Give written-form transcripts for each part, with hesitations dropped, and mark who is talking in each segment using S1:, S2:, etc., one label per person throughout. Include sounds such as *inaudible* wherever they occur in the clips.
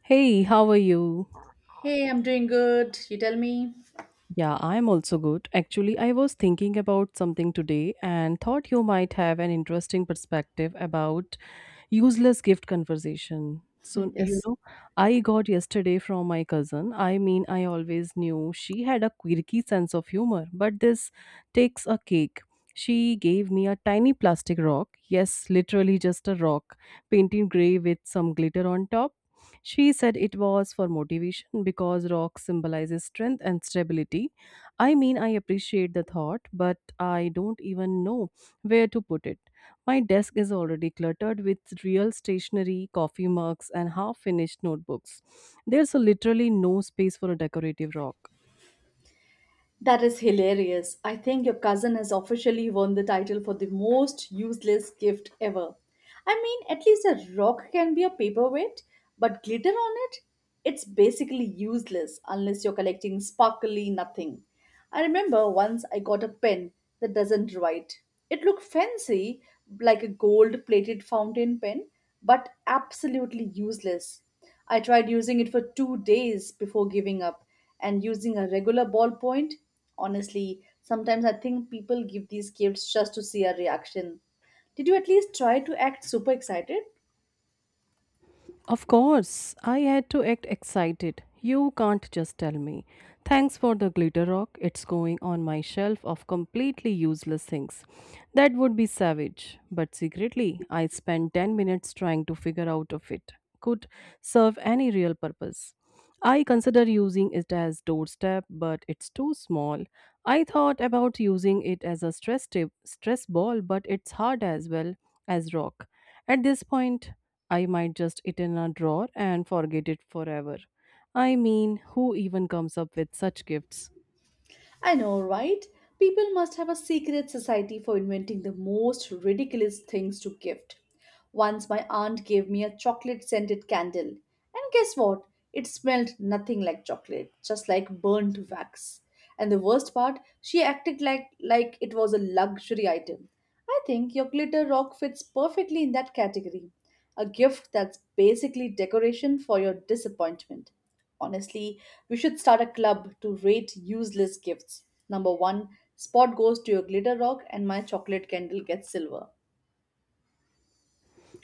S1: Hey, how are you?
S2: Hey, I'm doing good. You tell me.
S1: Yeah, I'm also good. Actually, I was thinking about something today and thought you might have an interesting perspective about useless gift conversation. So,
S2: *laughs* Yes.
S1: I got yesterday from my cousin. I mean, I always knew she had a quirky sense of humor, but this takes a cake. She gave me a tiny plastic rock. Yes, literally just a rock, painted gray with some glitter on top. She said it was for motivation because rock symbolizes strength and stability. I mean, I appreciate the thought, but I don't even know where to put it. My desk is already cluttered with real stationery, coffee mugs, and half finished notebooks. There's literally no space for a decorative rock.
S2: That is hilarious. I think your cousin has officially won the title for the most useless gift ever. I mean, at least a rock can be a paperweight, but glitter on it? It's basically useless unless you're collecting sparkly nothing. I remember once I got a pen that doesn't write. It looked fancy, like a gold plated fountain pen, but absolutely useless. I tried using it for 2 days before giving up and using a regular ballpoint. Honestly, sometimes I think people give these gifts just to see a reaction. Did you at least try to act super excited?
S1: Of course, I had to act excited. You can't just tell me, "Thanks for the glitter rock. It's going on my shelf of completely useless things." That would be savage. But secretly, I spent 10 minutes trying to figure out if it could serve any real purpose. I consider using it as doorstep, but it's too small. I thought about using it as a stress tip, stress ball, but it's hard as well as rock. At this point, I might just it in a drawer and forget it forever. I mean, who even comes up with such gifts?
S2: I know, right? People must have a secret society for inventing the most ridiculous things to gift. Once my aunt gave me a chocolate scented candle, and guess what? It smelled nothing like chocolate, just like burnt wax. And the worst part, she acted like it was a luxury item. I think your glitter rock fits perfectly in that category. A gift that's basically decoration for your disappointment. Honestly, we should start a club to rate useless gifts. Number one, spot goes to your glitter rock, and my chocolate candle gets silver.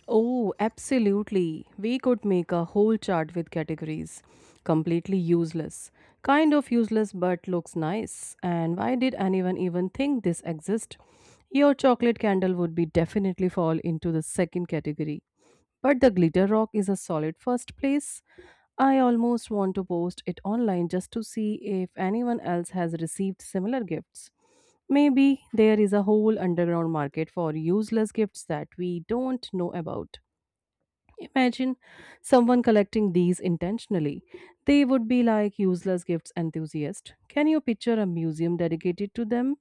S1: Oh, absolutely. We could make a whole chart with categories. Completely useless. Kind of useless but looks nice. And why did anyone even think this exist? Your chocolate candle would be definitely fall into the second category. But the glitter rock is a solid first place. I almost want to post it online just to see if anyone else has received similar gifts. Maybe there is a whole underground market for useless gifts that we don't know about. Imagine someone collecting these intentionally. They would be like useless gifts enthusiasts. Can you picture a museum dedicated to them?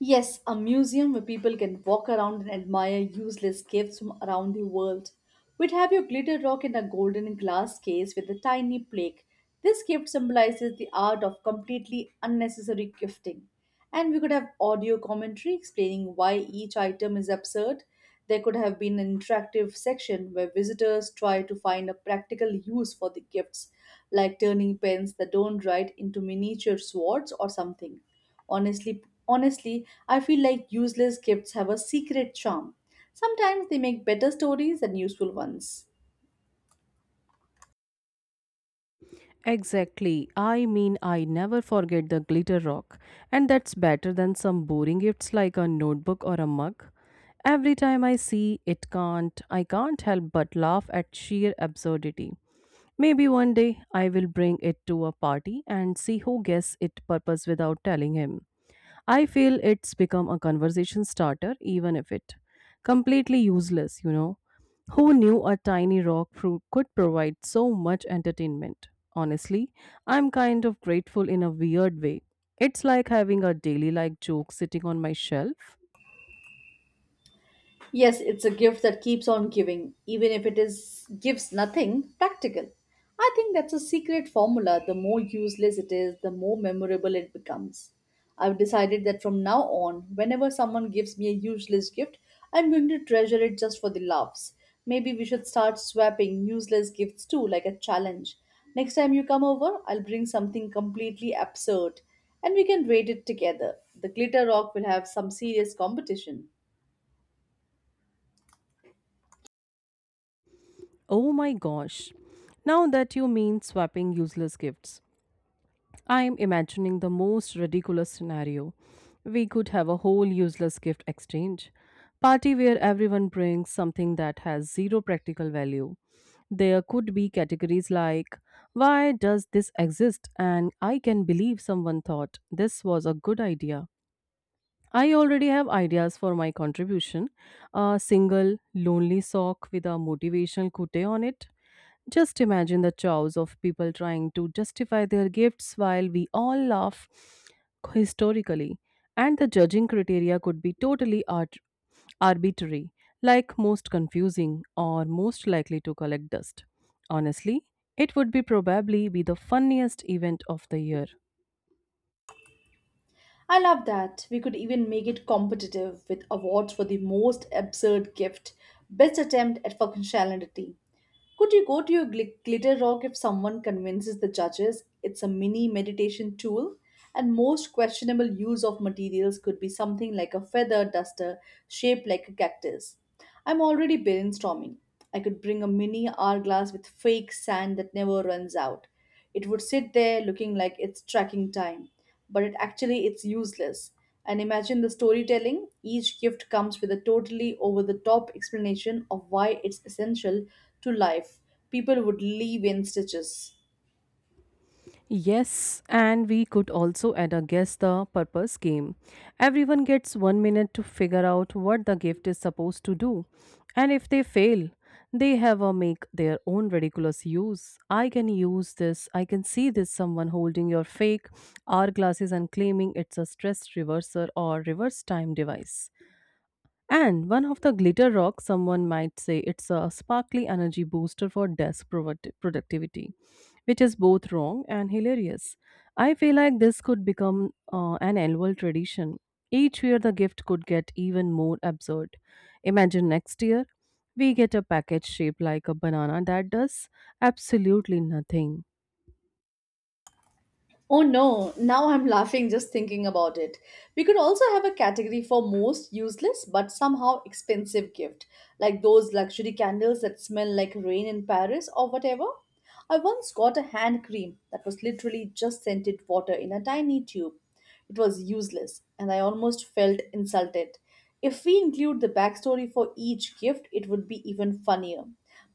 S2: Yes, a museum where people can walk around and admire useless gifts from around the world. We'd have your glitter rock in a golden glass case with a tiny plaque. This gift symbolizes the art of completely unnecessary gifting. And we could have audio commentary explaining why each item is absurd. There could have been an interactive section where visitors try to find a practical use for the gifts, like turning pens that don't write into miniature swords or something. Honestly, honestly, I feel like useless gifts have a secret charm. Sometimes they make better stories than useful ones.
S1: Exactly. I mean, I never forget the glitter rock, and that's better than some boring gifts like a notebook or a mug. Every time I see it can't, I can't help but laugh at sheer absurdity. Maybe one day I will bring it to a party and see who guesses it purpose without telling him. I feel it's become a conversation starter, even if it completely useless, Who knew a tiny rock fruit could provide so much entertainment? Honestly, I'm kind of grateful in a weird way. It's like having a daily like joke sitting on my shelf.
S2: Yes, it's a gift that keeps on giving, even if it is gives nothing practical. I think that's a secret formula. The more useless it is, the more memorable it becomes. I've decided that from now on, whenever someone gives me a useless gift, I'm going to treasure it just for the laughs. Maybe we should start swapping useless gifts too, like a challenge. Next time you come over, I'll bring something completely absurd and we can rate it together. The glitter rock will have some serious competition.
S1: Oh my gosh. Now that you mean swapping useless gifts, I am imagining the most ridiculous scenario. We could have a whole useless gift exchange. Party where everyone brings something that has zero practical value. There could be categories like, "Why does this exist?" and "I can believe someone thought this was a good idea." I already have ideas for my contribution, a single lonely sock with a motivational quote on it. Just imagine the chows of people trying to justify their gifts while we all laugh historically. And the judging criteria could be totally arbitrary, like most confusing or most likely to collect dust. Honestly, it would be probably be the funniest event of the year.
S2: I love that. We could even make it competitive with awards for the most absurd gift, best attempt at functionality. Could you go to your glitter rock if someone convinces the judges it's a mini meditation tool? And most questionable use of materials could be something like a feather duster shaped like a cactus. I'm already brainstorming. I could bring a mini hourglass with fake sand that never runs out. It would sit there looking like it's tracking time, but it's useless. And imagine the storytelling. Each gift comes with a totally over the top explanation of why it's essential to life. People would leave in stitches.
S1: Yes, and we could also add a guess the purpose game. Everyone gets one minute to figure out what the gift is supposed to do, and if they fail, they have a make their own ridiculous use. I can use this. I can see this someone holding your fake hourglasses and claiming it's a stress reverser or reverse time device. And one of the glitter rocks, someone might say it's a sparkly energy booster for desk productivity, which is both wrong and hilarious. I feel like this could become an annual tradition. Each year, the gift could get even more absurd. Imagine next year, we get a package shaped like a banana that does absolutely nothing.
S2: Oh no, now I'm laughing just thinking about it. We could also have a category for most useless but somehow expensive gift, like those luxury candles that smell like rain in Paris or whatever. I once got a hand cream that was literally just scented water in a tiny tube. It was useless, and I almost felt insulted. If we include the backstory for each gift, it would be even funnier.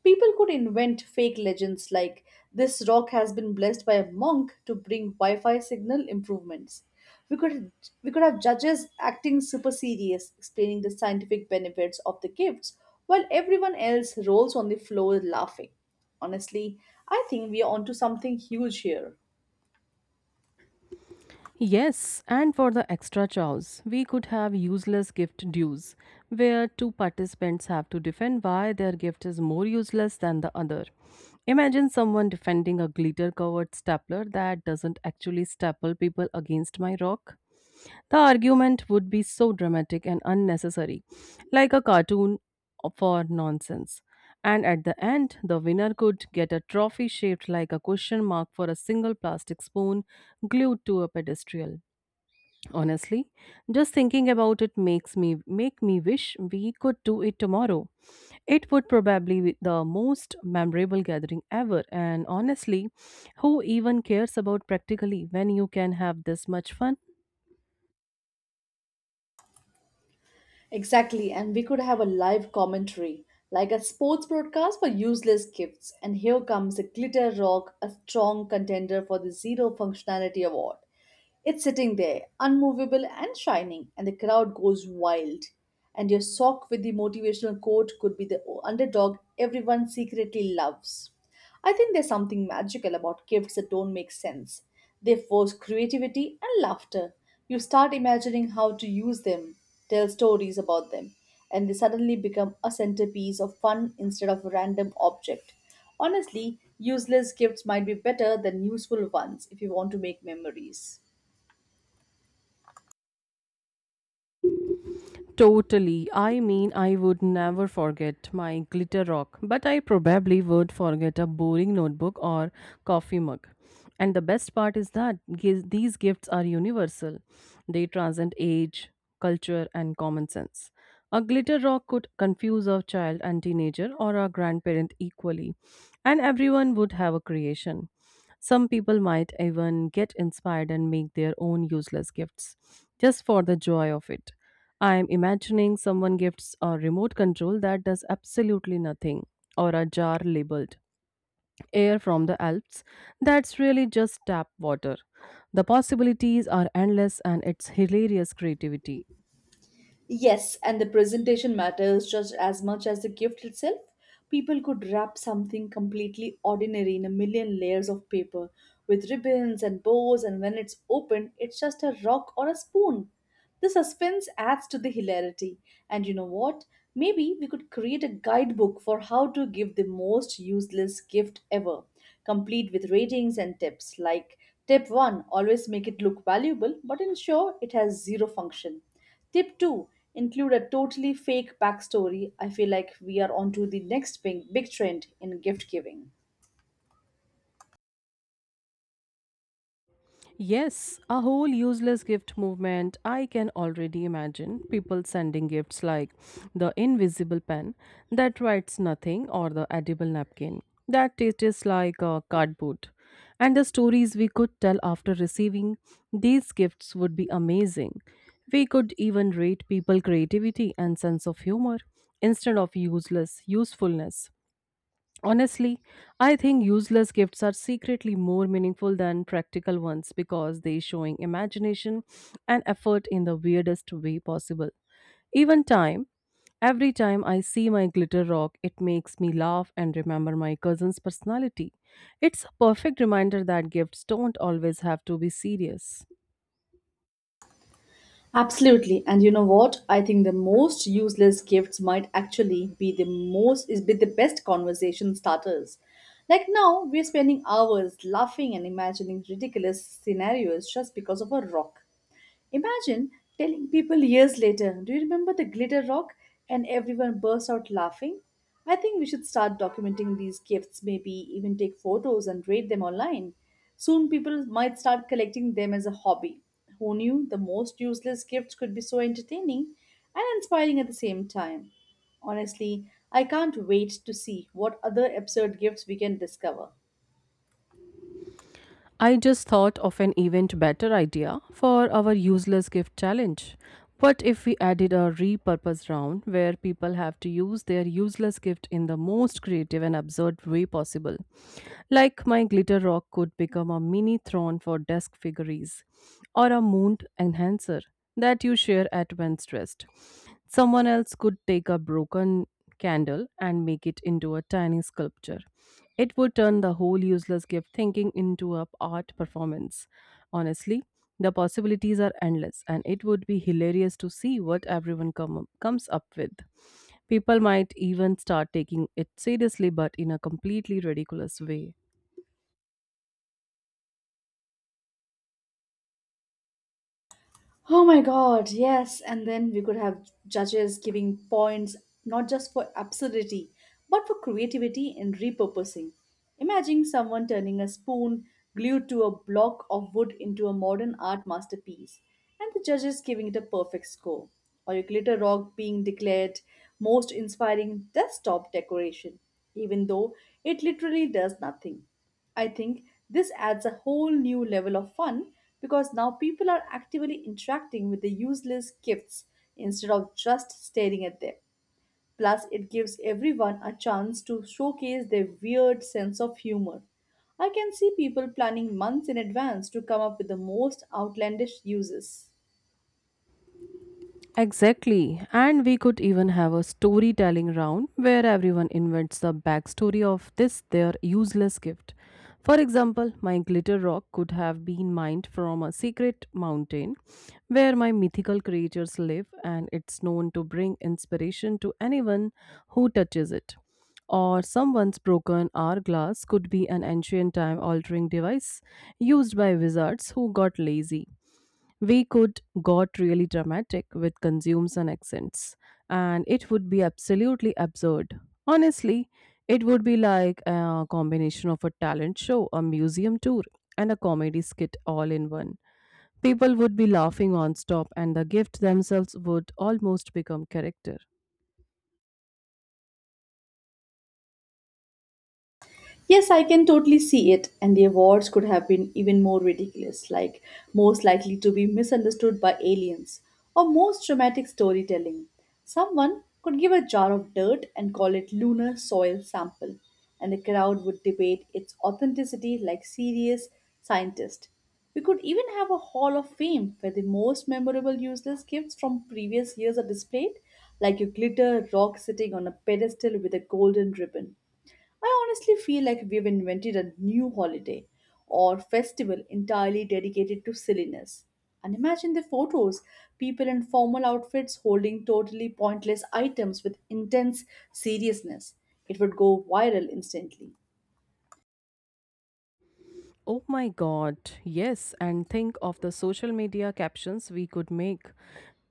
S2: People could invent fake legends like this rock has been blessed by a monk to bring Wi-Fi signal improvements. We could we could have judges acting super serious, explaining the scientific benefits of the gifts, while everyone else rolls on the floor laughing. Honestly, I think we are onto something huge here.
S1: Yes, and for the extra chows, we could have useless gift dues, where two participants have to defend why their gift is more useless than the other. Imagine someone defending a glitter covered stapler that doesn't actually staple people against my rock. The argument would be so dramatic and unnecessary, like a cartoon for nonsense. And at the end, the winner could get a trophy shaped like a question mark for a single plastic spoon glued to a pedestal. Honestly, just thinking about it makes me wish we could do it tomorrow. It would probably be the most memorable gathering ever, and honestly, who even cares about practically when you can have this much fun?
S2: Exactly, and we could have a live commentary, like a sports broadcast for useless gifts. And here comes a glitter rock, a strong contender for the zero functionality award. It's sitting there, unmovable and shining, and the crowd goes wild. And your sock with the motivational quote could be the underdog everyone secretly loves. I think there's something magical about gifts that don't make sense. They force creativity and laughter. You start imagining how to use them, tell stories about them, and they suddenly become a centerpiece of fun instead of a random object. Honestly, useless gifts might be better than useful ones if you want to make memories.
S1: Totally. I mean, I would never forget my glitter rock, but I probably would forget a boring notebook or coffee mug. And the best part is that these gifts are universal. They transcend age, culture, and common sense. A glitter rock could confuse a child and teenager or a grandparent equally, and everyone would have a creation. Some people might even get inspired and make their own useless gifts just for the joy of it. I'm imagining someone gifts a remote control that does absolutely nothing, or a jar labeled air from the Alps that's really just tap water. The possibilities are endless and it's hilarious creativity.
S2: Yes, and the presentation matters just as much as the gift itself. People could wrap something completely ordinary in a million layers of paper with ribbons and bows, and when it's opened, it's just a rock or a spoon. The suspense adds to the hilarity. And you know what? Maybe we could create a guidebook for how to give the most useless gift ever, complete with ratings and tips like tip 1 always make it look valuable but ensure it has zero function. Tip 2, include a totally fake backstory. I feel like we are onto the next big, big trend in gift giving.
S1: Yes, a whole useless gift movement. I can already imagine people sending gifts like the invisible pen that writes nothing or the edible napkin that tastes like a cardboard. And the stories we could tell after receiving these gifts would be amazing. We could even rate people creativity and sense of humor instead of useless usefulness. Honestly, I think useless gifts are secretly more meaningful than practical ones because they showing imagination and effort in the weirdest way possible. Even time, every time I see my glitter rock, it makes me laugh and remember my cousin's personality. It's a perfect reminder that gifts don't always have to be serious.
S2: Absolutely. And you know what? I think the most useless gifts might actually be the best conversation starters. Like now, we're spending hours laughing and imagining ridiculous scenarios just because of a rock. Imagine telling people years later, do you remember the glitter rock? And everyone bursts out laughing. I think we should start documenting these gifts, maybe even take photos and rate them online. Soon people might start collecting them as a hobby. Who knew the most useless gifts could be so entertaining and inspiring at the same time? Honestly, I can't wait to see what other absurd gifts we can discover.
S1: I just thought of an event better idea for our useless gift challenge. What if we added a repurpose round where people have to use their useless gift in the most creative and absurd way possible? Like my glitter rock could become a mini throne for desk figurines or a moon enhancer that you share at when stressed. Someone else could take a broken candle and make it into a tiny sculpture. It would turn the whole useless gift thinking into a art performance. Honestly, the possibilities are endless, and it would be hilarious to see what comes up with. People might even start taking it seriously, but in a completely ridiculous way.
S2: Oh my God, yes. And then we could have judges giving points not just for absurdity, but for creativity and repurposing. Imagine someone turning a spoon glued to a block of wood into a modern art masterpiece, and the judges giving it a perfect score. Or a glitter rock being declared most inspiring desktop decoration, even though it literally does nothing. I think this adds a whole new level of fun because now people are actively interacting with the useless gifts instead of just staring at them. Plus, it gives everyone a chance to showcase their weird sense of humor. I can see people planning months in advance to come up with the most outlandish uses.
S1: Exactly. And we could even have a storytelling round where everyone invents the backstory of this their useless gift. For example, my glitter rock could have been mined from a secret mountain where my mythical creatures live, and it's known to bring inspiration to anyone who touches it. Or someone's broken hourglass could be an ancient time altering device used by wizards who got lazy. We could got really dramatic with consumes and accents, and it would be absolutely absurd. Honestly, it would be like a combination of a talent show, a museum tour, and a comedy skit all in one. People would be laughing nonstop, and the gift themselves would almost become character.
S2: Yes, I can totally see it, and the awards could have been even more ridiculous, like most likely to be misunderstood by aliens, or most dramatic storytelling. Someone could give a jar of dirt and call it lunar soil sample, and the crowd would debate its authenticity like serious scientists. We could even have a hall of fame where the most memorable useless gifts from previous years are displayed, like a glitter rock sitting on a pedestal with a golden ribbon. I honestly feel like we've invented a new holiday or festival entirely dedicated to silliness. And imagine the photos people in formal outfits holding totally pointless items with intense seriousness. It would go viral instantly.
S1: Oh my god, yes, and think of the social media captions we could make.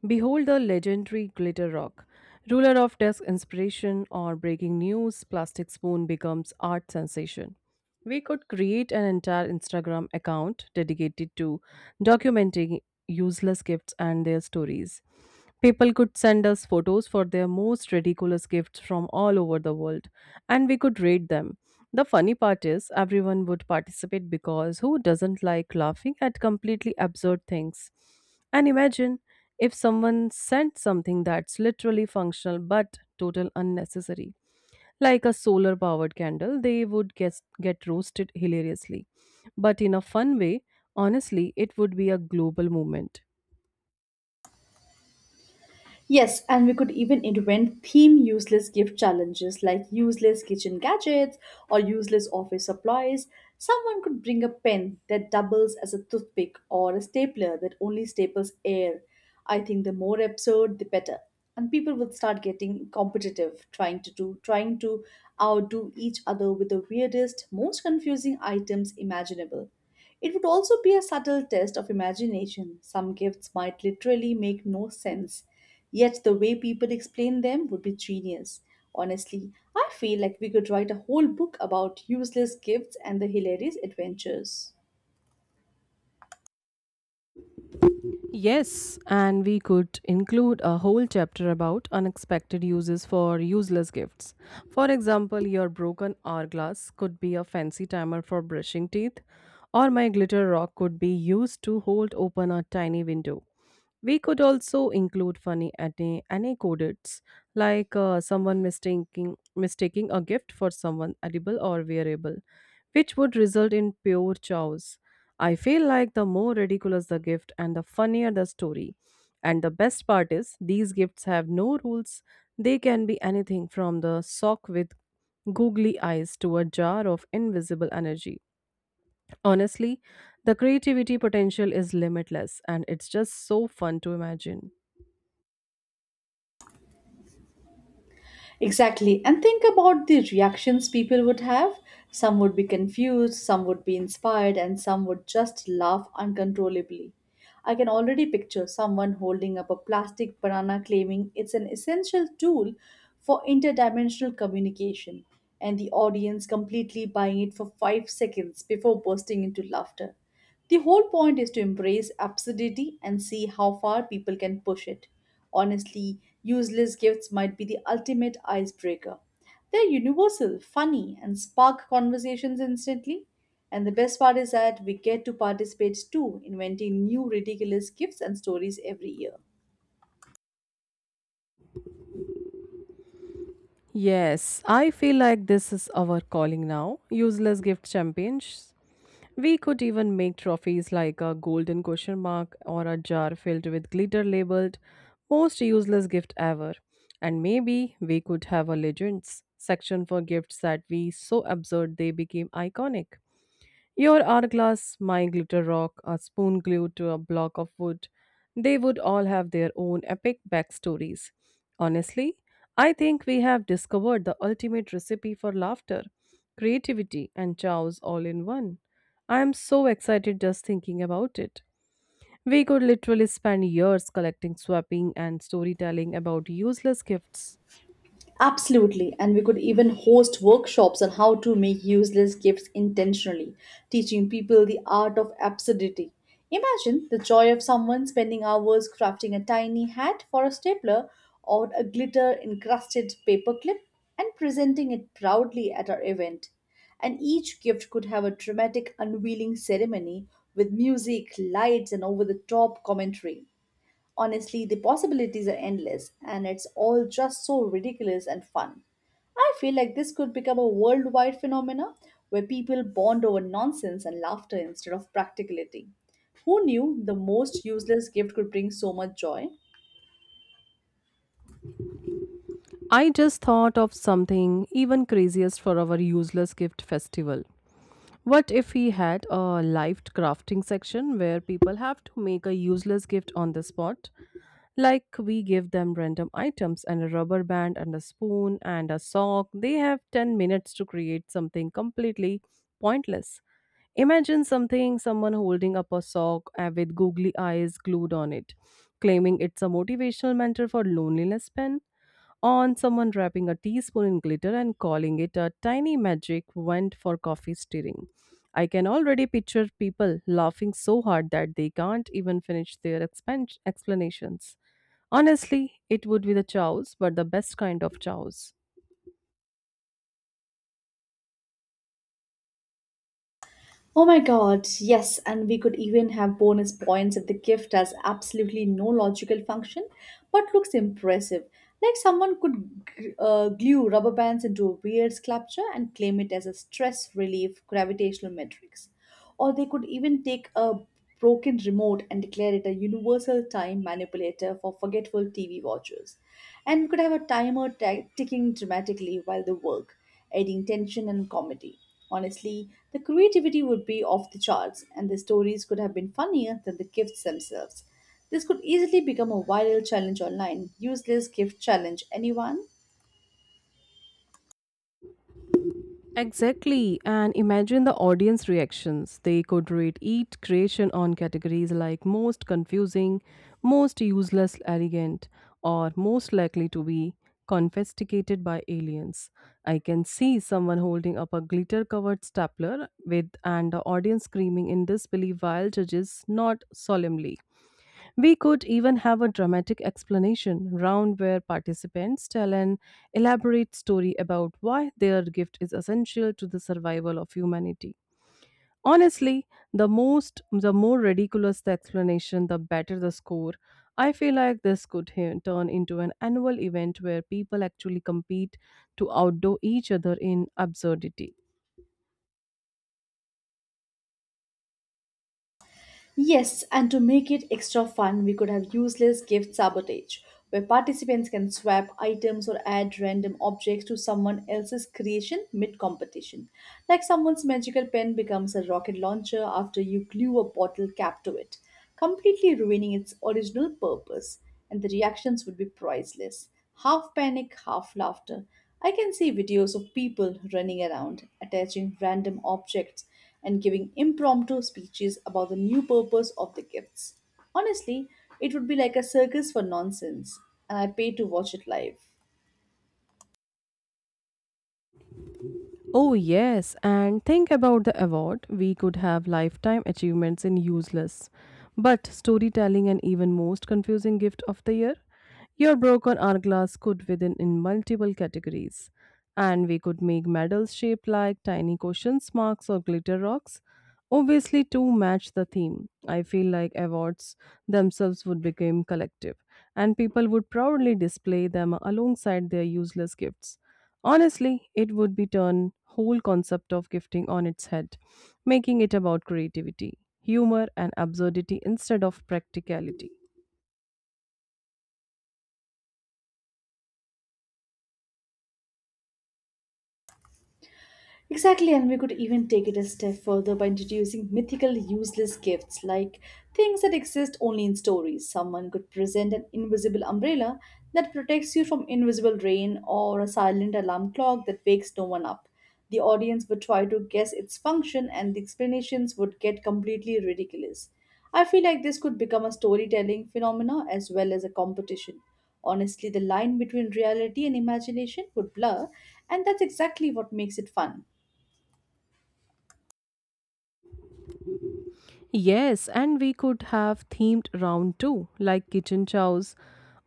S1: Behold the legendary Glitter Rock. Ruler of desk inspiration, or breaking news, plastic spoon becomes art sensation. We could create an entire Instagram account dedicated to documenting useless gifts and their stories. People could send us photos for their most ridiculous gifts from all over the world, and we could rate them. The funny part is, everyone would participate because who doesn't like laughing at completely absurd things? And imagine if someone sent something that's literally functional but total unnecessary, like a solar powered candle. They would get roasted hilariously but in a fun way. Honestly, it would be a global movement.
S2: Yes, and we could even invent theme useless gift challenges like useless kitchen gadgets or useless office supplies. Someone could bring a pen that doubles as a toothpick or a stapler that only staples air. I think the more absurd, the better. And people would start getting competitive, trying to outdo each other with the weirdest, most confusing items imaginable. It would also be a subtle test of imagination. Some gifts might literally make no sense, yet the way people explain them would be genius. Honestly, I feel like we could write a whole book about useless gifts and the hilarious adventures.
S1: Yes, and we could include a whole chapter about unexpected uses for useless gifts. For example, your broken hourglass could be a fancy timer for brushing teeth, or my glitter rock could be used to hold open a tiny window. We could also include funny anecdotes, like someone mistaking a gift for someone edible or wearable, which would result in pure chaos. I feel like the more ridiculous the gift and the funnier the story. And the best part is, these gifts have no rules. They can be anything from the sock with googly eyes to a jar of invisible energy. Honestly, the creativity potential is limitless and it's just so fun to imagine.
S2: Exactly. And think about the reactions people would have. Some would be confused, some would be inspired, and some would just laugh uncontrollably. I can already picture someone holding up a plastic banana claiming it's an essential tool for interdimensional communication, and the audience completely buying it for 5 seconds before bursting into laughter. The whole point is to embrace absurdity and see how far people can push it. Honestly, useless gifts might be the ultimate icebreaker. They're universal, funny, and spark conversations instantly. And the best part is that we get to participate too, inventing new ridiculous gifts and stories every year.
S1: Yes, I feel like this is our calling now. Useless gift champions. We could even make trophies like a golden question mark or a jar filled with glitter labeled most useless gift ever. And maybe we could have a legends section for gifts that we so absurd they became iconic. Your hourglass, my glitter rock, a spoon glued to a block of wood. They would all have their own epic backstories. Honestly, I think we have discovered the ultimate recipe for laughter, creativity, and chows all in one. I am so excited just thinking about it. We could literally spend years collecting, swapping, and storytelling about useless gifts.
S2: Absolutely, and we could even host workshops on how to make useless gifts intentionally, teaching people the art of absurdity. Imagine the joy of someone spending hours crafting a tiny hat for a stapler or a glitter encrusted paperclip and presenting it proudly at our event. And each gift could have a dramatic unveiling ceremony with music, lights, and over the top commentary. Honestly, the possibilities are endless, and it's all just so ridiculous and fun. I feel like this could become a worldwide phenomena where people bond over nonsense and laughter instead of practicality. Who knew the most useless gift could bring so much joy?
S1: I just thought of something even craziest for our useless gift festival. What if he had a live crafting section where people have to make a useless gift on the spot? Like we give them random items and a rubber band and a spoon and a sock. They have 10 minutes to create something completely pointless. Imagine something someone holding up a sock with googly eyes glued on it, claiming it's a motivational mentor for loneliness pen on someone wrapping a teaspoon in glitter and calling it a tiny magic wand for coffee stirring. I can already picture people laughing so hard that they can't even finish their explanations. Honestly, it would be the chows, but the best kind of chows.
S2: Oh my god, yes, and we could even have bonus points if the gift has absolutely no logical function but looks impressive. Like someone could glue rubber bands into a weird sculpture and claim it as a stress relief gravitational matrix. Or they could even take a broken remote and declare it a universal time manipulator for forgetful TV watchers. And could have a timer ticking dramatically while they work, adding tension and comedy. Honestly, the creativity would be off the charts, and the stories could have been funnier than the gifts themselves. This could easily become a viral challenge online. Useless gift challenge, anyone?
S1: Exactly, and imagine the audience reactions. They could rate each creation on categories like most confusing, most useless, arrogant, or most likely to be confiscated by aliens. I can see someone holding up a glitter covered stapler with and the audience screaming in disbelief while judges nod solemnly. We could even have a dramatic explanation round where participants tell an elaborate story about why their gift is essential to the survival of humanity. Honestly, the more ridiculous the explanation, the better the score. I feel like this could turn into an annual event where people actually compete to outdo each other in absurdity.
S2: Yes, and to make it extra fun, we could have useless gift sabotage, where participants can swap items or add random objects to someone else's creation mid competition. Like someone's magical pen becomes a rocket launcher after you glue a bottle cap to it completely ruining its original purpose, and the reactions would be priceless. Half panic, half laughter. I can see videos of people running around, attaching random objects, and giving impromptu speeches about the new purpose of the gifts. Honestly, it would be like a circus for nonsense, and I pay to watch it live.
S1: Oh, yes, and think about the award. We could have lifetime achievements in useless, but storytelling and even most confusing gift of the year. Your broken hourglass could within in multiple categories, and we could make medals shaped like tiny cushions, marks, or glitter rocks. Obviously, to match the theme, I feel like awards themselves would become collective, and people would proudly display them alongside their useless gifts. Honestly, it would be turn whole concept of gifting on its head, making it about creativity, humor and absurdity instead of practicality.
S2: Exactly, and we could even take it a step further by introducing mythical, useless gifts like things that exist only in stories. Someone could present an invisible umbrella that protects you from invisible rain or a silent alarm clock that wakes no one up. The audience would try to guess its function, and the explanations would get completely ridiculous. I feel like this could become a storytelling phenomena as well as a competition. Honestly, the line between reality and imagination would blur, and that's exactly what makes it fun.
S1: Yes, and we could have themed round too, like kitchen chows,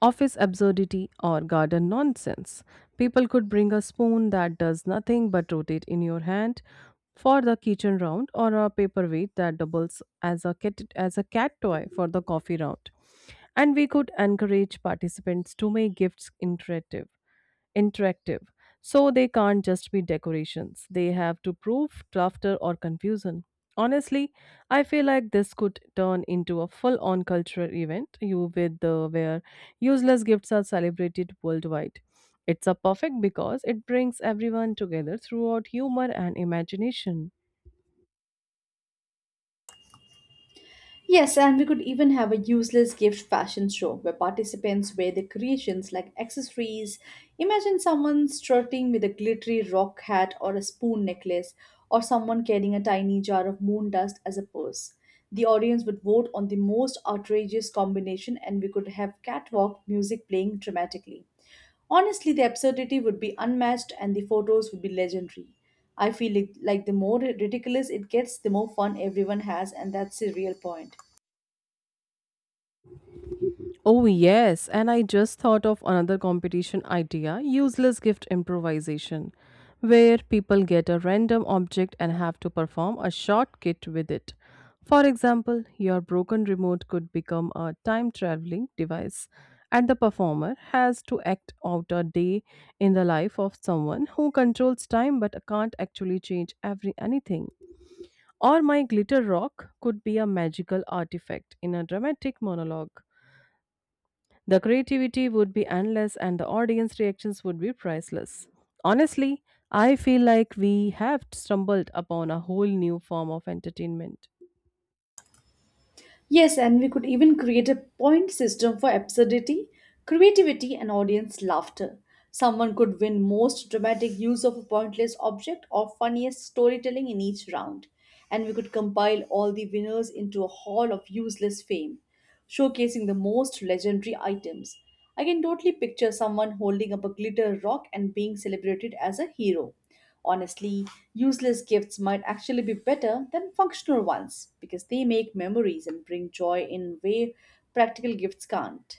S1: office absurdity, or garden nonsense. People could bring a spoon that does nothing but rotate in your hand for the kitchen round, or a paperweight that doubles as a cat toy for the coffee round. And we could encourage participants to make gifts interactive, interactive. So they can't just be decorations. They have to prove laughter or confusion. Honestly, I feel like this could turn into a full-on cultural event you with the where useless gifts are celebrated worldwide. It's a perfect because it brings everyone together throughout humor and imagination.
S2: Yes, and we could even have a useless gift fashion show where participants wear their creations like accessories. Imagine someone strutting with a glittery rock hat or a spoon necklace, or someone carrying a tiny jar of moon dust as a purse. The audience would vote on the most outrageous combination, and we could have catwalk music playing dramatically. Honestly, the absurdity would be unmatched and the photos would be legendary. I feel it, like the more ridiculous it gets, the more fun everyone has, and that's the real point.
S1: Oh, yes. And I just thought of another competition idea useless gift improvisation, where people get a random object and have to perform a shortcut with it. For example, your broken remote could become a time traveling device, and the performer has to act out a day in the life of someone who controls time but can't actually change every anything. Or my glitter rock could be a magical artifact in a dramatic monologue the creativity would be endless and the audience reactions would be priceless. Honestly, I feel like we have stumbled upon a whole new form of entertainment.
S2: Yes, and we could even create a point system for absurdity, creativity, and audience laughter. Someone could win most dramatic use of a pointless object or funniest storytelling in each round. And we could compile all the winners into a hall of useless fame, showcasing the most legendary items. I can totally picture someone holding up a glitter rock and being celebrated as a hero. Honestly, useless gifts might actually be better than functional ones because they make memories and bring joy in way practical gifts can't.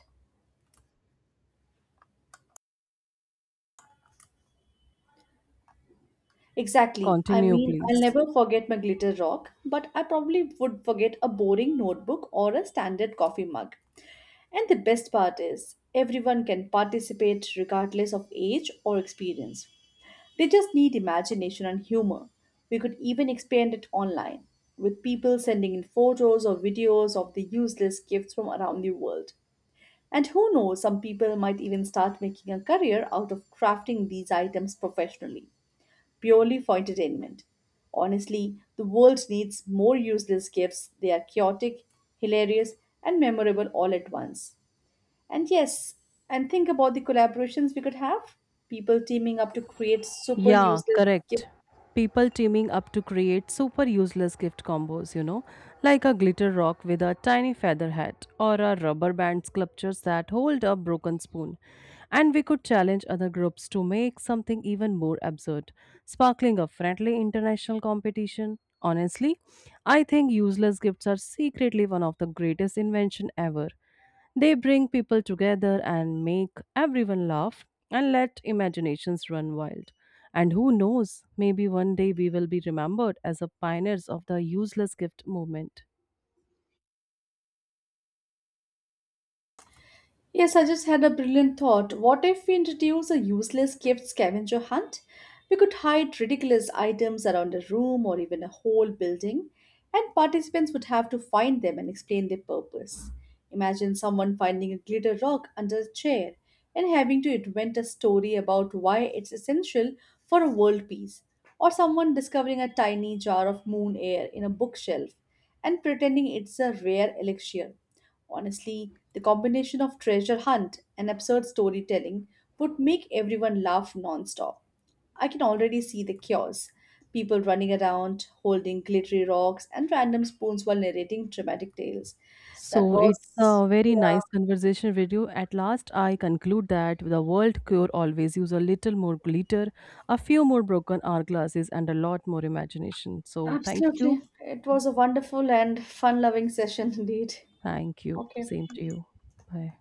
S2: Exactly. I
S1: Continue,
S2: mean, I'll
S1: please.
S2: never forget my glitter rock, but I probably would forget a boring notebook or a standard coffee mug. And the best part is, everyone can participate regardless of age or experience. They just need imagination and humor. We could even expand it online, with people sending in photos or videos of the useless gifts from around the world. And who knows, some people might even start making a career out of crafting these items professionally, purely for entertainment. Honestly, the world needs more useless gifts. They are chaotic, hilarious, and memorable all at once. And yes, and think about the collaborations we could have. People teaming up to create super
S1: Yeah,
S2: useless.
S1: correct. People teaming up to create super useless gift combos, you know, like a glitter rock with a tiny feather hat or a rubber band sculptures that hold a broken spoon. And we could challenge other groups to make something even more absurd, sparkling a friendly international competition. Honestly, I think useless gifts are secretly one of the greatest invention ever. They bring people together and make everyone laugh and let imaginations run wild. And who knows, maybe one day we will be remembered as a pioneers of the useless gift movement.
S2: Yes, I just had a brilliant thought. What if we introduce a useless gift scavenger hunt? We could hide ridiculous items around a room or even a whole building, and participants would have to find them and explain their purpose. Imagine someone finding a glitter rock under a chair and having to invent a story about why it's essential for a world peace, or someone discovering a tiny jar of moon air in a bookshelf and pretending it's a rare elixir. Honestly, the combination of treasure hunt and absurd storytelling would make everyone laugh nonstop. I can already see the chaos. People running around, holding glittery rocks and random spoons while narrating dramatic tales. That
S1: So it's
S2: was,
S1: a very
S2: yeah,
S1: nice conversation with you. At last, I conclude that the world cure always use a little more glitter, a few more broken hourglasses, and a lot more imagination. So thank you.
S2: absolutely. It was a wonderful and fun loving session *laughs* indeed.
S1: Thank you.
S2: Okay.
S1: Same to you. Bye.